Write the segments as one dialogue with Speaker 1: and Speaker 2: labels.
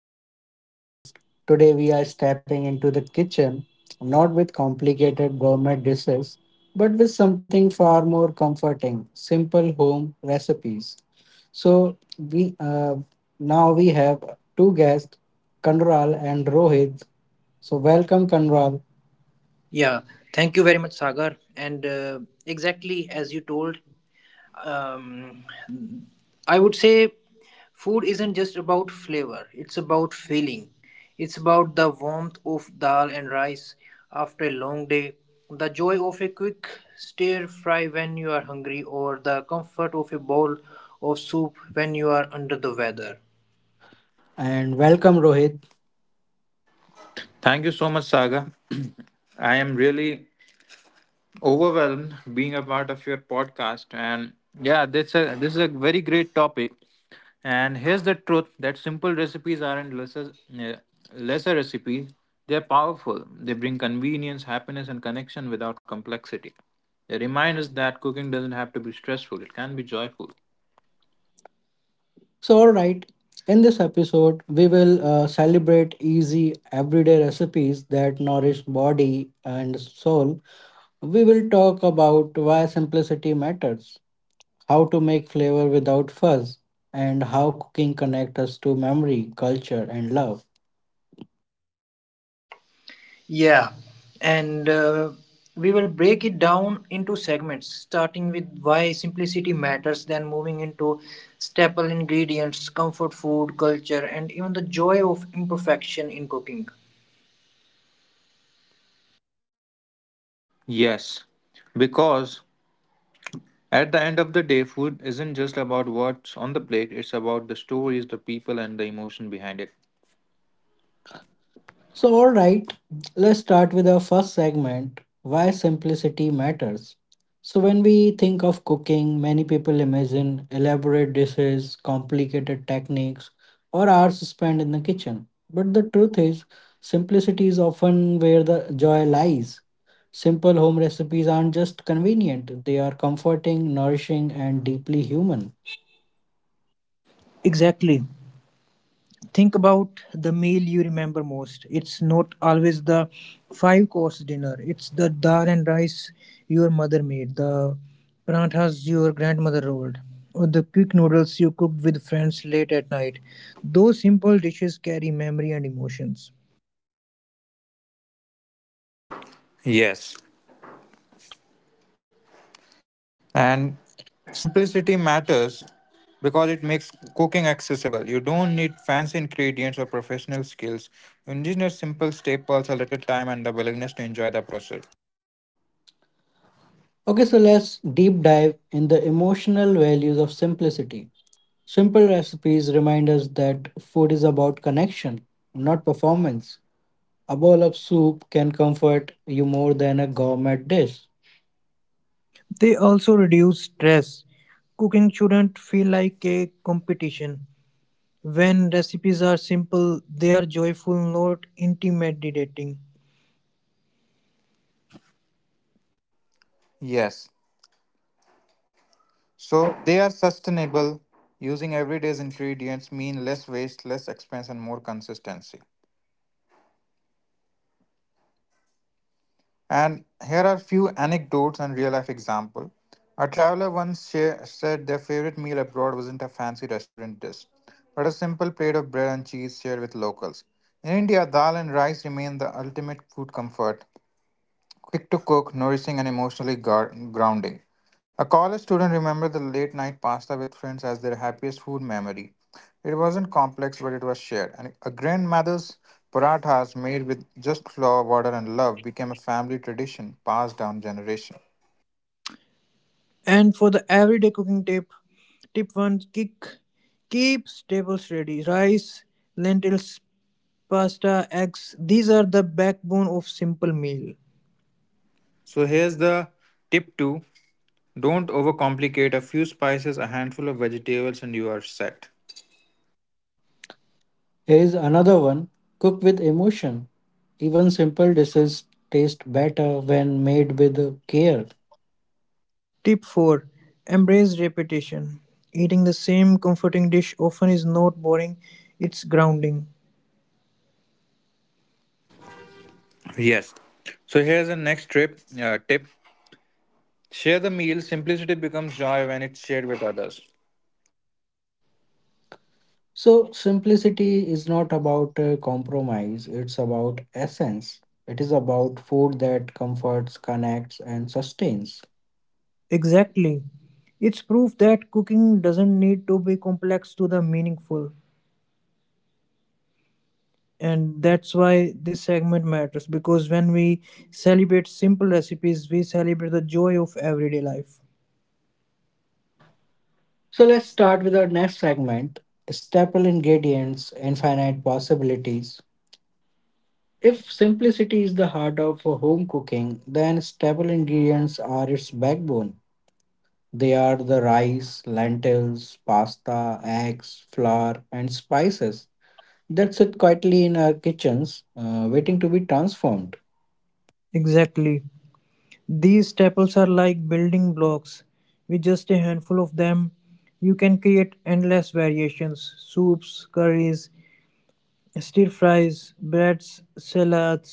Speaker 1: back to Talk with Wiz. Today we are stepping into the kitchen, not with complicated gourmet dishes, but with something far more comforting, simple home recipes. So we Now we have two guests, Kanral and Rohit. So welcome Kanral
Speaker 2: Yeah, thank you very much, Sagar. And exactly as you told, um, I would say food isn't just about flavor, it's about feeling. It's about the warmth of dal and rice after a long day, the joy of a quick stir fry when you are hungry, or the comfort of a bowl of soup when you are under the weather.
Speaker 1: and welcome Rohit.
Speaker 3: Thank you so much, Saga. I am really overwhelmed being a part of your podcast, and yeah, this is a very great topic. And here's the truth: that simple recipes aren't lesser eh, lesser recipes. They are powerful. They bring convenience, happiness, and connection without complexity. They remind us that cooking doesn't have to be stressful; it can be joyful.
Speaker 1: So all right, in this episode we will celebrate easy everyday recipes that nourish body and soul. We will talk about why simplicity matters, how to make flavor without fuss, and how cooking connects us to memory, culture, and love.
Speaker 2: Yeah, and We will break it down into segments, starting with why simplicity matters, then moving into staple ingredients, comfort food, culture, and even the joy of imperfection in cooking.
Speaker 3: Yes, because at the end of the day, food isn't just about what's on the plate, it's about the stories, the people, and the emotion behind it.
Speaker 1: So, all right, let's start with our first segment, why simplicity matters. So, when we think of cooking, many people imagine elaborate dishes, complicated techniques, or hours spent in the kitchen. But the truth is, simplicity is often where the joy lies. Simple home recipes aren't just convenient, they are comforting, nourishing, and deeply human.
Speaker 2: Exactly. Think about the meal you remember most. It's not always the five course dinner, it's the dal and rice your mother made, the parathas your grandmother rolled, or the quick noodles you cooked with friends late at night. Those simple dishes carry memory and emotions.
Speaker 3: Yes. And simplicity matters because it makes cooking accessible. You don't need fancy ingredients or professional skills. You just need simple staples, a little time, and the willingness to enjoy the process.
Speaker 1: Okay, so let's deep dive in the emotional values of simplicity. Simple recipes remind us that food is about connection, not performance. A bowl of soup can comfort you more than a gourmet dish.
Speaker 2: They also reduce stress. Cooking shouldn't feel like a competition. When recipes are simple, they are joyful, not intimidating.
Speaker 3: Yes. So they are sustainable. Using everyday's ingredients mean less waste, less expense, and more consistency. And here are few anecdotes and real life example. A traveler once share, said their favorite meal abroad wasn't a fancy restaurant dish, but a simple plate of bread and cheese shared with locals. In India, dal and rice remain the ultimate food comfort, quick to cook, nourishing, and emotionally grounding. A college student remembered the late night pasta with friends as their happiest food memory. It wasn't complex, but it was shared. And a grandmother's parathas made with just flour, water, and love became a family tradition passed down generation.
Speaker 2: And for the everyday cooking tip, tip one: keep staples ready. Rice, lentils, pasta, eggs. These are the backbone of simple meal.
Speaker 3: So here's the tip two: don't overcomplicate. A few spices, a handful of vegetables, and you are set.
Speaker 1: Here is another one, cook with emotion. Even simple dishes taste better when made with care.
Speaker 2: Tip four: embrace repetition. Eating the same comforting dish often is not boring; it's grounding.
Speaker 3: Yes. So here's the next trip tip: share the meal. Simplicity becomes joy when it's shared with others.
Speaker 1: So, simplicity is not about compromise, it's about essence. It is about food that comforts, connects, and sustains.
Speaker 2: Exactly. It's proof that cooking doesn't need to be complex to be meaningful. And that's why this segment matters, because when we celebrate simple recipes we celebrate the joy of everyday life.
Speaker 1: So let's start with our next segment, staple ingredients, infinite possibilities. If simplicity is the heart of home cooking, then staple ingredients are its backbone. They are the rice, lentils, pasta, eggs, flour, and spices that sit quietly in our kitchens, waiting to be transformed.
Speaker 2: Exactly, these staples are like building blocks. With just a handful of them you can create endless variations: soups, curries, stir fries, breads, salads.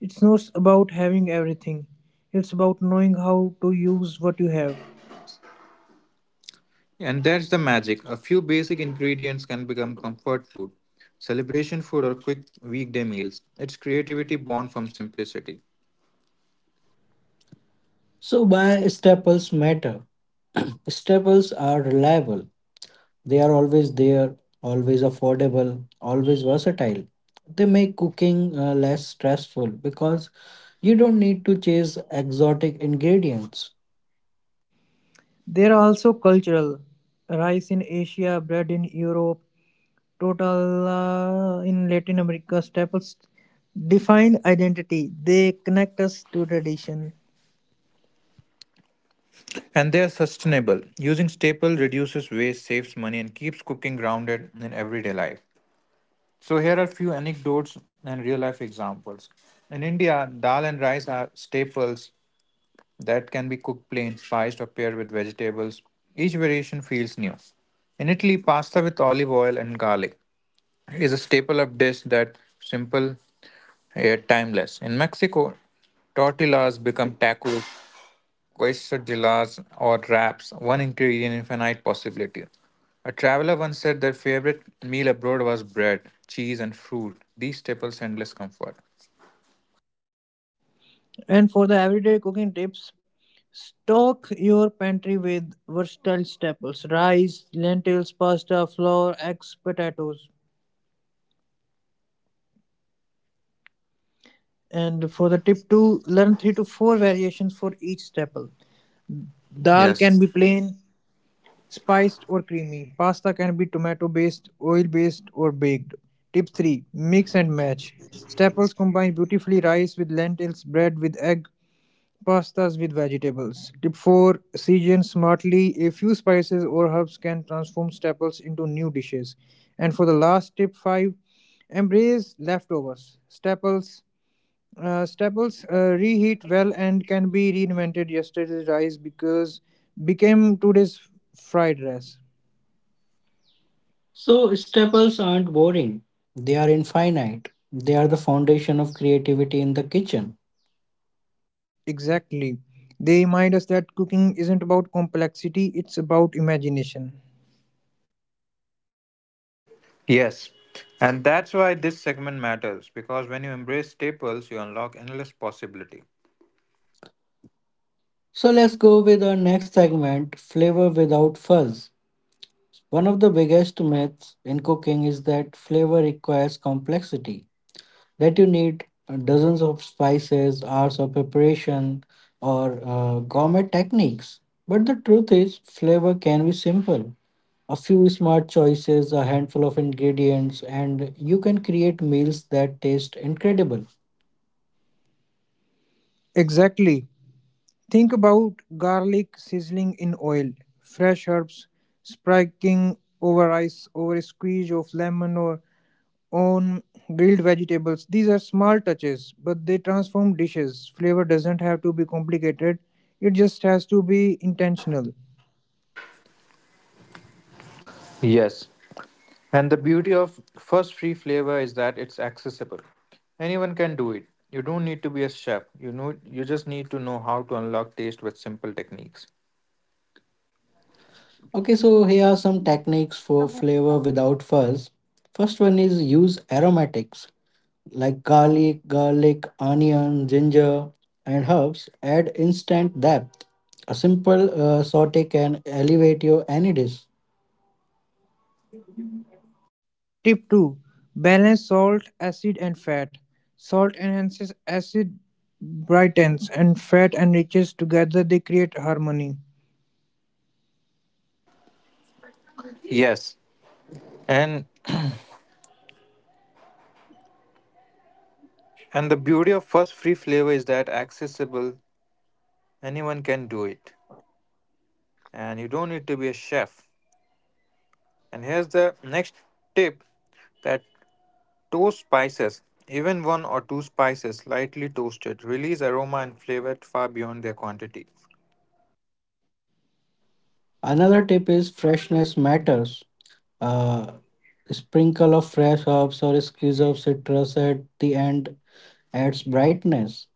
Speaker 2: It's not about having everything, it's about knowing how to use what you have.
Speaker 3: And that's the magic. A few basic ingredients can become comfort food, celebration food, or quick weekday meals. It's creativity born from simplicity.
Speaker 1: So, why staples matter? Staples are reliable. They are always there, always affordable, always versatile. They make cooking less stressful because you don't need to chase exotic ingredients.
Speaker 2: There are also cultural: rice in Asia, bread in Europe, total in Latin America. Staples define identity. They connect us to tradition.
Speaker 3: And they are sustainable. Using staple reduces waste, saves money, and keeps cooking grounded in everyday life. So here are a few anecdotes and real life examples. In India, dal and rice are staples that can be cooked plain, spiced, or paired with vegetables. Each variation feels new. In Italy, pasta with olive oil and garlic is a staple of dish that simple yet timeless. In Mexico, tortillas become tacos, quesadillas, or wraps, one ingredient infinite possibility. A traveler once said their favorite meal abroad was bread, cheese, and fruit. These staples endless comfort.
Speaker 2: And for the everyday cooking tips, stock your pantry with versatile staples: rice, lentils, pasta, flour, eggs, potatoes. And for the tip two, learn three to four variations for each staple. Dal can
Speaker 3: Yes.
Speaker 2: be plain, spiced or creamy. Pasta can be tomato based, oil based, or baked. Tip 3: mix and match. Staples combine beautifully: rice with lentils, bread with egg, pastas with vegetables. Tip 4: season smartly. A few spices or herbs can transform staples into new dishes. And for the last tip 5: embrace leftovers. Staples reheat well and can be reinvented. Yesterday's rice because became today's fried rice.
Speaker 1: So, staples aren't boring, they are infinite. They are the foundation of creativity in the kitchen.
Speaker 2: Exactly. They remind us that cooking isn't about complexity, it's about imagination.
Speaker 3: Yes. And that's why this segment matters because when you embrace staples, you unlock endless possibility.
Speaker 1: So, let's go with our next segment, flavor without fuzz. One of the biggest myths in cooking is that flavor requires complexity, that you need dozens of spices, hours of preparation, or gourmet techniques. But the truth is, flavor can be simple. A few smart choices, a handful of ingredients, and you can create meals that taste incredible.
Speaker 2: Exactly. Think about garlic sizzling in oil, fresh herbs spiking over ice, over a squeeze of lemon or on grilled vegetables. These are small touches, but they transform dishes. Flavor doesn't have to be complicated, it just has to be intentional.
Speaker 3: Yes. And the beauty of first free flavor is that it's accessible. Anyone can do it. You don't need to be a chef. You know you just need to know how to unlock taste with simple techniques.
Speaker 1: Okay, so here are some techniques for flavor without fuzz. First one is use aromatics, like garlic, onion, ginger, and herbs add instant depth. A simple saute can elevate your any dish.
Speaker 2: Tip 2: balance salt, acid, and fat. Salt enhances, acid brightens, and fat enriches. Together, they create harmony.
Speaker 3: Yes. And and the beauty of first free flavor is that accessible. Anyone can do it. And you don't need to be a chef. And here's the next tip that toast spices, even one or two spices lightly toasted, release aroma and flavor far beyond their quantity.
Speaker 1: Another tip is freshness matters. Uh, Sprinkle of fresh herbs or a squeeze of citrus at the end adds brightness.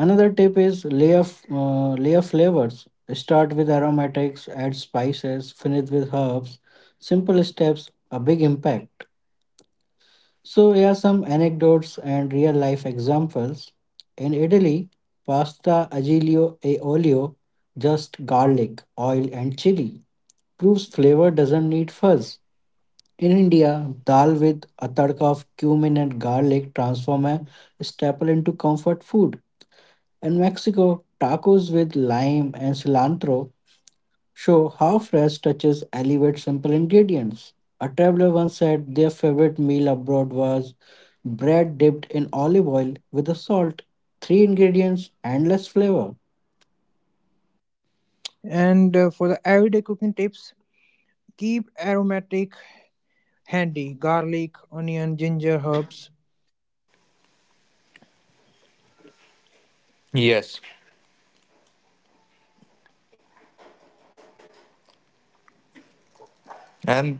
Speaker 1: Another tip is layer flavors. Start with aromatics, add spices, finish with herbs. Simple steps, a big impact. So here are some anecdotes and real life examples. In Italy, pasta aglio e olio, just garlic, oil and chili, proves flavor doesn't need fuzz. In India, dal with a tadka of cumin and garlic transform a staple into comfort food. In Mexico, tacos with lime and cilantro show how fresh touches elevate simple ingredients. A traveler once said their favorite meal abroad was bread dipped in olive oil with a salt, three ingredients, endless flavor.
Speaker 2: And For the everyday cooking tips, keep aromatic handy: garlic, onion, ginger, herbs.
Speaker 3: Yes, and.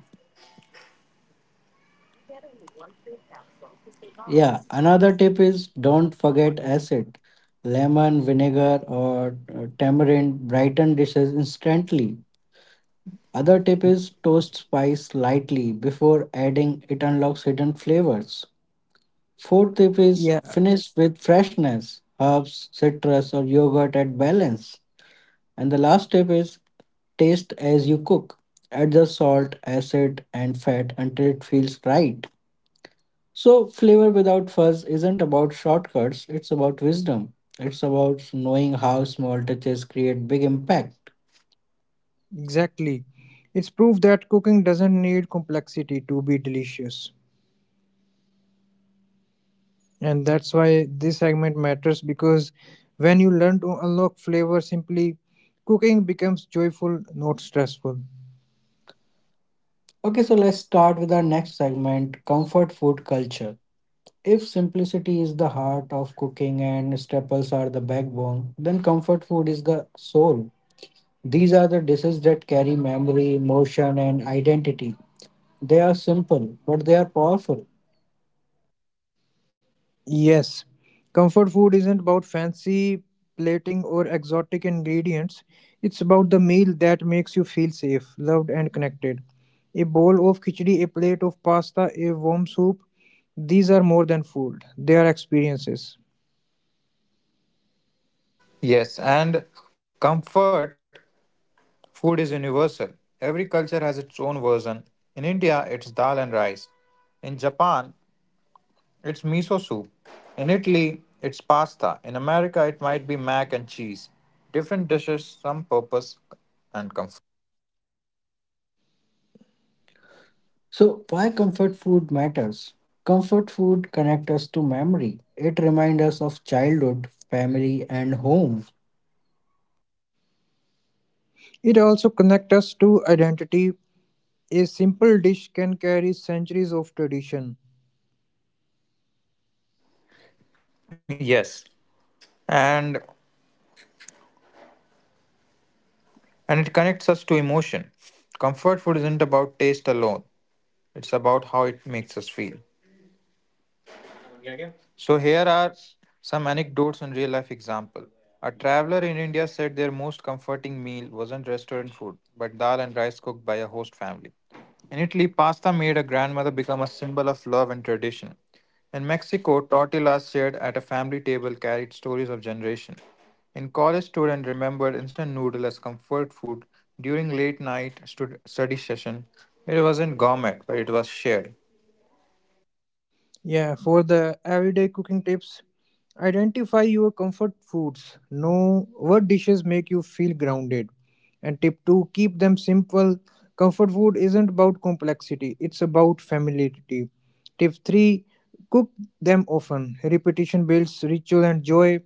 Speaker 1: Yeah, another tip is don't forget acid. Lemon, vinegar, or tamarind brighten dishes instantly. Other tip is toast spice lightly before adding, it unlocks hidden flavors. Fourth tip is
Speaker 2: Yeah,
Speaker 1: finish with freshness, herbs, citrus, or yogurt at balance. And the last tip is taste as you cook. Adjust salt, acid, and fat until it feels right. So, flavor without fuzz isn't about shortcuts, it's about wisdom. It's about knowing how small touches create big impact.
Speaker 2: exactly. It's proof that cooking doesn't need complexity to be delicious. And that's why this segment matters, because when you learn to unlock flavor simply, cooking becomes joyful, not stressful.
Speaker 1: Okay, so let's start with our next segment, comfort food culture. If simplicity is the heart of cooking and staples are the backbone, then comfort food is the soul. These are the dishes that carry memory, emotion, and identity. They are simple, but they are powerful.
Speaker 2: Yes, comfort food isn't about fancy plating or exotic ingredients. It's about the meal that makes you feel safe, loved, and connected. A bowl of khichdi, a plate of pasta, a warm soup, these are more than food, they are experiences.
Speaker 3: Yes, and comfort food is universal. Every culture has its own version. In India, it's dal and rice. In Japan, it's miso soup. In Italy, it's pasta. In America, it might be mac and cheese. Different dishes, some purpose and comfort.
Speaker 1: So, why comfort food matters? Comfort food connects us to memory. It reminds us of childhood, family, and home.
Speaker 2: It also connects us to identity. A simple dish can carry centuries of tradition.
Speaker 3: Yes, and and it connects us to emotion. Comfort food isn't about taste alone. It's about how it makes us feel. So here are some anecdotes and real life example. A traveler in India said their most comforting meal wasn't restaurant food, but dal and rice cooked by a host family. In Italy, pasta made a grandmother become a symbol of love and tradition. In Mexico, tortillas shared at a family table carried stories of generation. In college, student remembered instant noodle as comfort food during late night study session. It wasn't gourmet, but it was shared.
Speaker 2: Yeah, for the everyday cooking tips, identify your comfort foods. Know what dishes make you feel grounded. And tip two, keep them simple. Comfort food isn't about complexity, it's about familiarity. Tip three, cook them often. Repetition builds ritual and joy.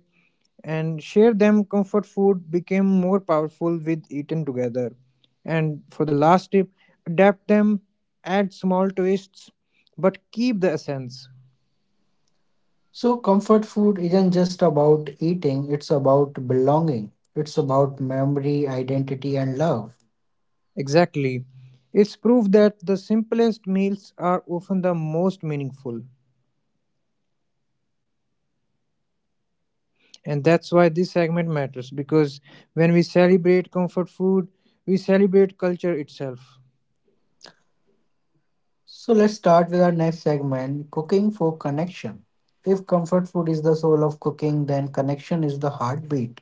Speaker 2: And share them, comfort food became more powerful with eaten together. And for the last tip, adapt them, add small twists, but keep the essence.
Speaker 1: So, comfort food isn't just about eating, it's about belonging. It's about memory, identity, and love.
Speaker 2: Exactly. It's proof that the simplest meals are often the most meaningful. And that's why this segment matters, because when we celebrate comfort food, we celebrate culture itself.
Speaker 1: So let's start with our next segment, cooking for connection. If comfort food is the soul of cooking, then connection is the heartbeat.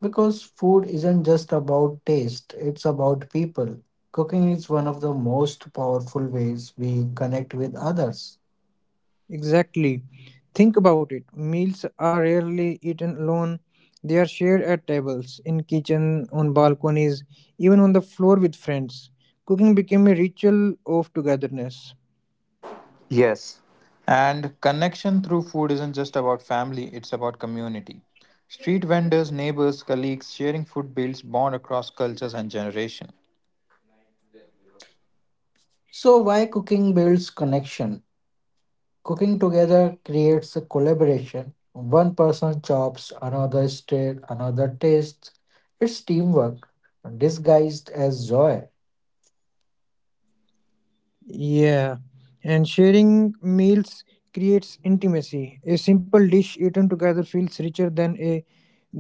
Speaker 1: Because food isn't just about taste, it's about people. Cooking is one of the most powerful ways we connect with others.
Speaker 2: Exactly. Think about it. Meals are rarely eaten alone. They are shared at tables, in kitchen, on balconies, even on the floor with friends. Cooking became a ritual of togetherness.
Speaker 3: Yes. And connection through food isn't just about family, it's about community. Street vendors, neighbors, colleagues, sharing food builds bond across cultures and generation.
Speaker 1: So, why cooking builds connection? Cooking together creates a collaboration. One person chops, another stir, another tastes. It's teamwork disguised as joy.
Speaker 2: Yeah, and sharing meals creates intimacy. A simple dish eaten together feels richer than a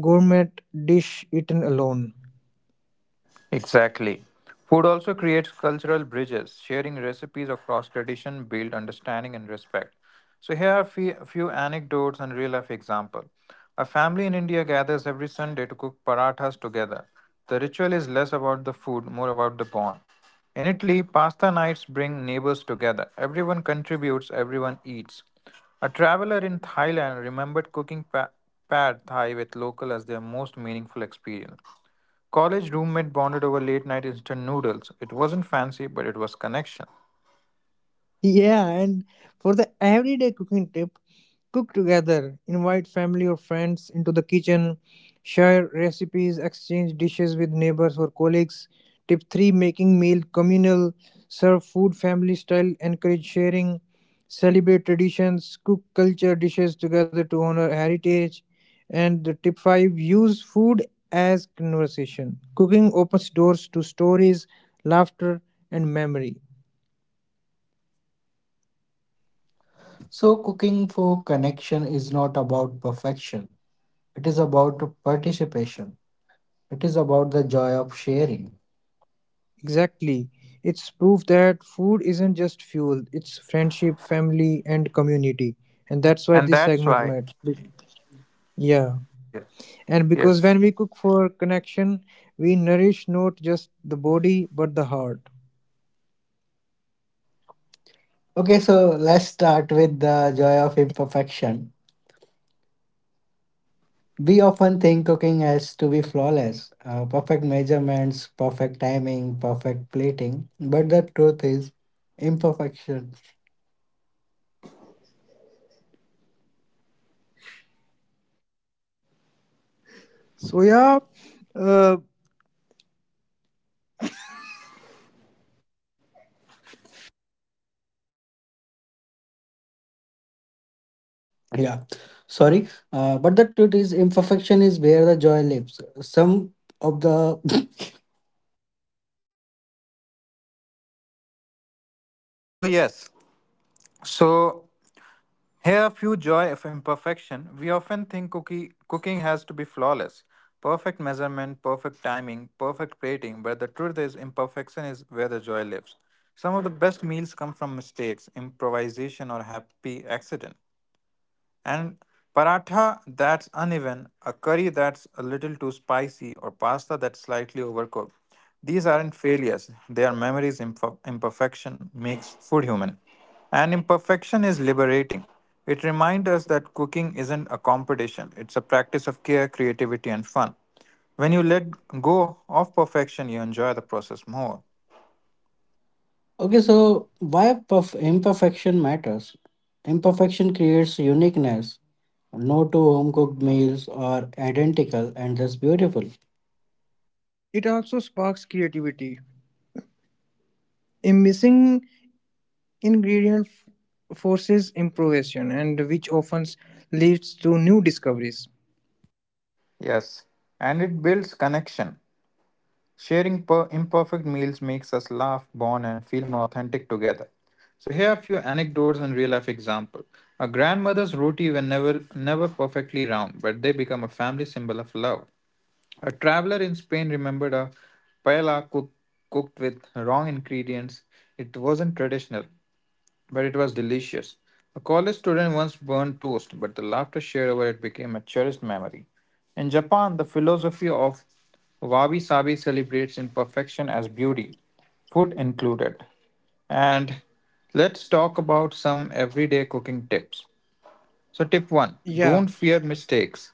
Speaker 2: gourmet dish eaten alone.
Speaker 3: Exactly. Food also creates cultural bridges, sharing recipes across tradition, build understanding and respect. So here are a few anecdotes and real life example. A family in India gathers every Sunday to cook parathas together. The ritual is less about the food, more about the bond. In Italy, pasta nights bring neighbors together. Everyone contributes, everyone eats. A traveler in Thailand remembered cooking pad thai with local as their most meaningful experience. College roommate bonded over late night instant noodles. It wasn't fancy, but it was connection.
Speaker 2: Yeah, and for the everyday cooking tip, cook together, invite family or friends into the kitchen, share recipes, exchange dishes with neighbors or colleagues. Tip 3: making meal communal, serve food family style, encourage sharing, celebrate traditions, cook culture dishes together to honor heritage. And the tip 5: use food as conversation. Cooking opens doors to stories, laughter, and memory.
Speaker 1: So, cooking for connection is not about perfection, it is about participation, it is about the joy of sharing.
Speaker 2: Exactly. It's proof that food isn't just fuel, it's friendship, family, and community. And that's why
Speaker 3: And
Speaker 2: this
Speaker 3: that's
Speaker 2: segment
Speaker 3: why,
Speaker 2: matters. Yeah.
Speaker 3: yes.
Speaker 2: And because
Speaker 3: Yes.
Speaker 2: when we cook for connection, we nourish not just the body, but the heart.
Speaker 1: Okay, so let's start with the joy of imperfection. We often think cooking has to be flawless, perfect measurements, perfect timing, perfect plating, but the truth is imperfection.
Speaker 2: So, yeah, uh,
Speaker 1: Yeah, but the truth is imperfection is where the joy lives. Some of the
Speaker 3: So, yes. So, here are few joy of imperfection. We often think cooking has to be flawless. Perfect measurement, perfect timing, perfect plating, but the truth is imperfection is where the joy lives. Some of the best meals come from mistakes, improvisation or happy accident. And paratha that's uneven, a curry that's a little too spicy, or pasta that's slightly overcooked. These aren't failures, they are memories. Imperfection makes food human. And imperfection is liberating. It reminds us that cooking isn't a competition, it's a practice of care, creativity, and fun. When you let go of perfection, you enjoy the process more.
Speaker 1: Okay, so imperfection matters? Imperfection creates uniqueness. No two home cooked meals are identical, and that's beautiful.
Speaker 2: it also sparks creativity. A missing forces improvisation, and which often leads to new discoveries.
Speaker 3: Yes, and it builds connection. Sharing imperfect meals makes us laugh, bond, and feel more authentic together. So here are a few anecdotes and real life example. A grandmother's roti were never perfectly round, but they become a family symbol of love. A traveler in Spain remembered a paella cook, cooked with wrong ingredients. It wasn't traditional, but it was delicious. A college student once burned toast, but the laughter shared over it became a cherished memory. In Japan, the philosophy of wabi sabi celebrates imperfection as beauty, food included. And let's talk about some everyday cooking tips. So, tip one,
Speaker 2: Yeah,
Speaker 3: don't fear mistakes.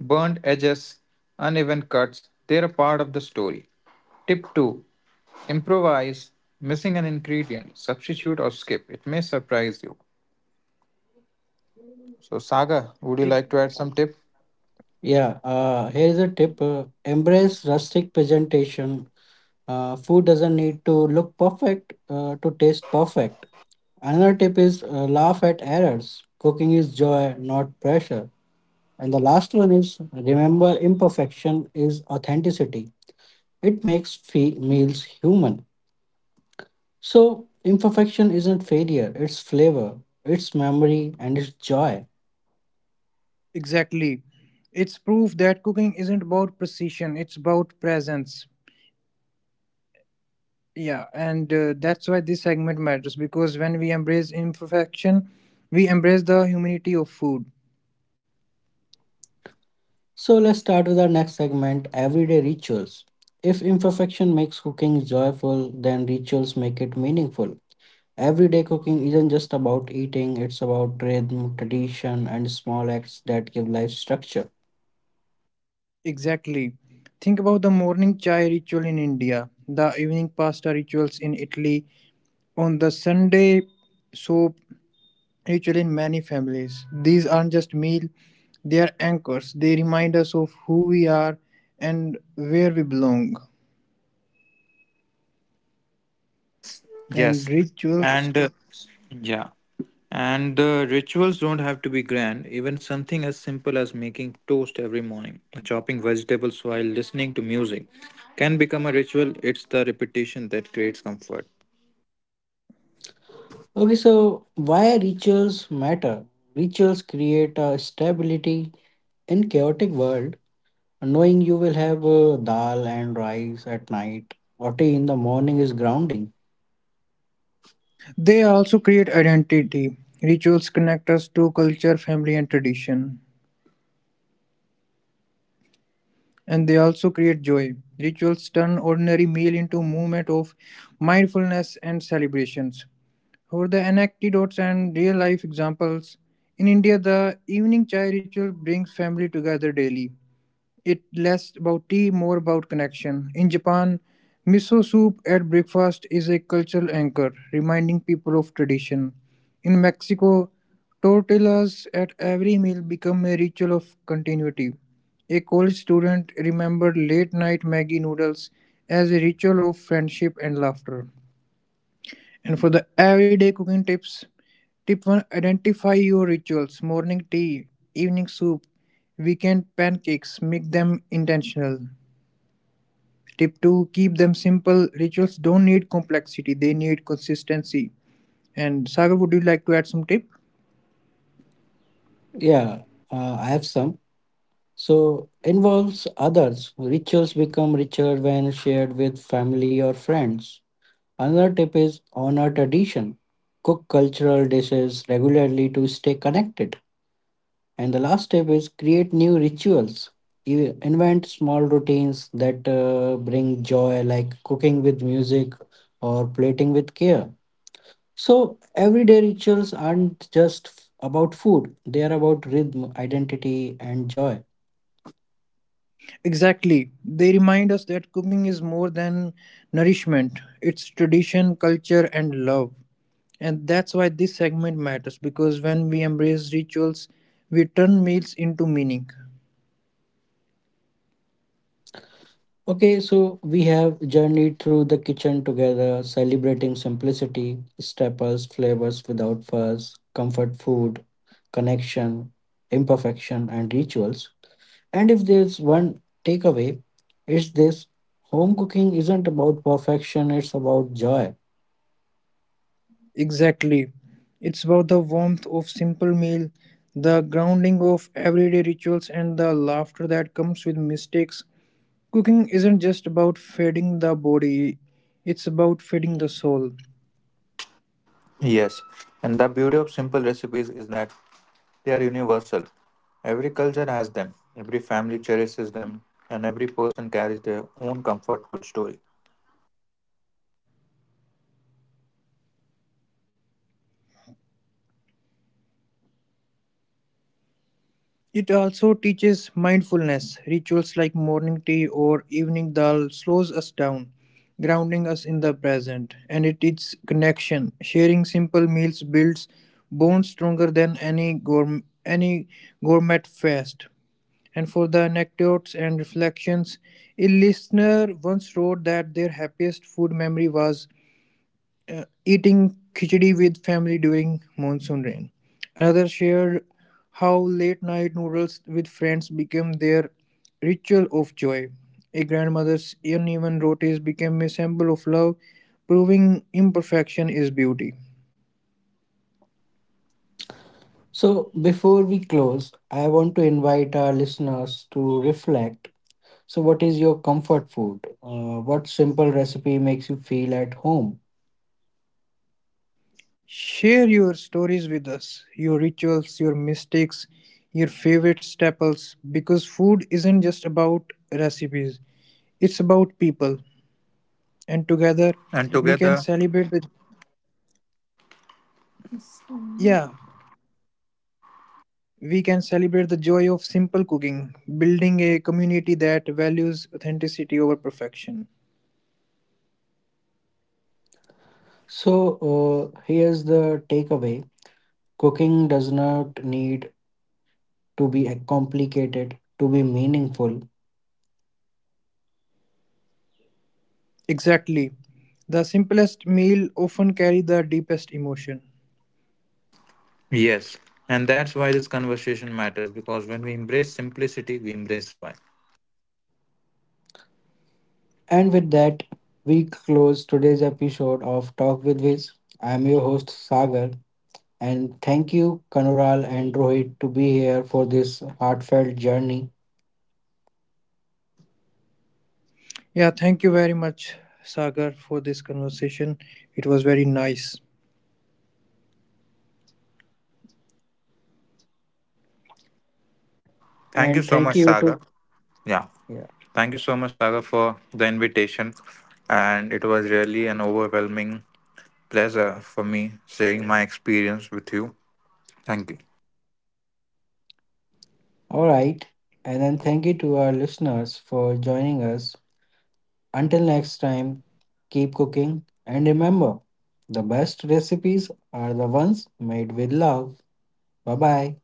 Speaker 3: Burned edges, uneven cuts, they're a part of the story. Tip 2, improvise, missing an ingredient, substitute, or skip. It may surprise you. So, Saga, would you
Speaker 2: the
Speaker 3: like to add some tip?
Speaker 1: Yeah, here's a tip, embrace rustic presentation. Food doesn't need to look perfect to taste perfect. Another tip is laugh at errors. Cooking is joy, not pressure. And the last one is remember imperfection is authenticity, it makes meals human. So, imperfection isn't failure, it's flavor, it's memory, and it's joy.
Speaker 2: Exactly. It's proof that cooking isn't about precision, it's about presence. Yeah, and That's why this segment matters, because when we embrace imperfection, we embrace the humanity of food.
Speaker 1: So, let's start with our next segment, everyday rituals. If imperfection makes cooking joyful, then rituals make it meaningful. Everyday cooking isn't just about eating, it's about rhythm, tradition, and small acts that give life structure.
Speaker 2: Exactly. Think about the morning chai ritual in India, the evening pasta rituals in Italy, on the Sunday soap ritual in many families. These aren't just meal, they are anchors. They remind us of who we are and where we belong.
Speaker 3: Yes,
Speaker 2: And
Speaker 3: yes.
Speaker 2: rituals,
Speaker 3: And uh, yeah, and the rituals don't have to be grand. Even something as simple as making toast every morning, or chopping vegetables while listening to music, can become a ritual. It's the repetition that creates comfort.
Speaker 1: Okay, so why rituals matter? Rituals create a stability in chaotic world. Knowing you will have dal and rice at night or tea in the morning is grounding.
Speaker 2: they also create identity. Rituals connect us to culture, family, and tradition. And they also create joy. Rituals turn ordinary meal into movement of mindfulness and celebrations. For the anecdotes and real life examples, in India the evening chai ritual brings family together daily. It less about tea, more about connection. In Japan, miso soup at breakfast is a cultural anchor, reminding people of tradition. In Mexico, tortillas at every meal become a ritual of continuity. A college student remembered late night Maggie noodles as a ritual of friendship and laughter. And for the everyday cooking tips, tip 1: identify your rituals: morning tea, evening soup, weekend pancakes. Make them intentional. Tip 2: keep them simple. Rituals don't need complexity, they need consistency. And Sagar, would you like to add some tip?
Speaker 1: Yeah, I have some. So, involves others. Rituals become richer when shared with family or friends. Another tip is honor tradition. Cook cultural dishes regularly to stay connected. And the last tip is create new rituals. You invent small routines that bring joy, like cooking with music or plating with care. So, everyday rituals aren't just about food, they are about rhythm, identity, and joy.
Speaker 2: Exactly. They remind us that cooking is more than nourishment, it's tradition, culture, and love. And that's why this segment matters, because when we embrace rituals, we turn meals into meaning.
Speaker 1: Okay, so we have journeyed through the kitchen together, celebrating simplicity, staples, flavors without fuss, comfort food, connection, imperfection, and rituals. And if there's one takeaway, it's this, home cooking isn't about perfection, it's about joy.
Speaker 2: Exactly. It's about the warmth of simple meal, the grounding of everyday rituals, and the laughter that comes with mistakes. Cooking isn't just about feeding the body, it's about feeding the soul.
Speaker 3: Yes, and the beauty of simple recipes is that they are universal. Every culture has them, every family cherishes them, and every person carries their own comfort food story.
Speaker 2: It also teaches mindfulness. Rituals like morning tea or evening dal slows us down, grounding us in the present. And it teaches connection. Sharing simple meals builds bonds stronger than any gourmet fast. And for the anecdotes and reflections, a listener once wrote that their happiest food memory was eating khichdi with family during monsoon rain. Another shared how late night noodles with friends became their ritual of joy. A grandmother's uneven rotis became a symbol of love, proving imperfection is beauty.
Speaker 1: So, before we close, I want to invite our listeners to reflect. So, what is your comfort food? What simple recipe makes you feel at home?
Speaker 2: Share your stories with us, your rituals, your mistakes, your favorite staples, because food isn't just about recipes, it's about people. And together
Speaker 3: And
Speaker 2: we can
Speaker 3: together,
Speaker 2: celebrate the Yeah, we can celebrate the joy of simple cooking, building a community that values authenticity over perfection.
Speaker 1: So, here's the takeaway, cooking does not need to be complicated to be meaningful.
Speaker 2: Exactly. The simplest meal often carry the deepest emotion.
Speaker 3: yes. And that's why this conversation matters because when we embrace simplicity, we embrace joy.
Speaker 1: And with that, we close today's episode of Talk with Viz. I'm your host, Sagar, and thank you, Kanural and Rohit, to be here for this heartfelt journey.
Speaker 2: Yeah, thank you very much, Sagar, for this conversation. It was very nice.
Speaker 3: Thank you
Speaker 1: And
Speaker 3: so
Speaker 1: thank
Speaker 3: much,
Speaker 1: you to.
Speaker 3: Saga. Yeah.
Speaker 1: Yeah.
Speaker 3: Thank you so much, Saga, for the invitation. And it was really an overwhelming pleasure for me sharing my experience with you. Thank you.
Speaker 1: All right. And then thank you to our listeners for joining us. Until next time, keep cooking and remember, the best recipes are the ones made with love. Bye bye.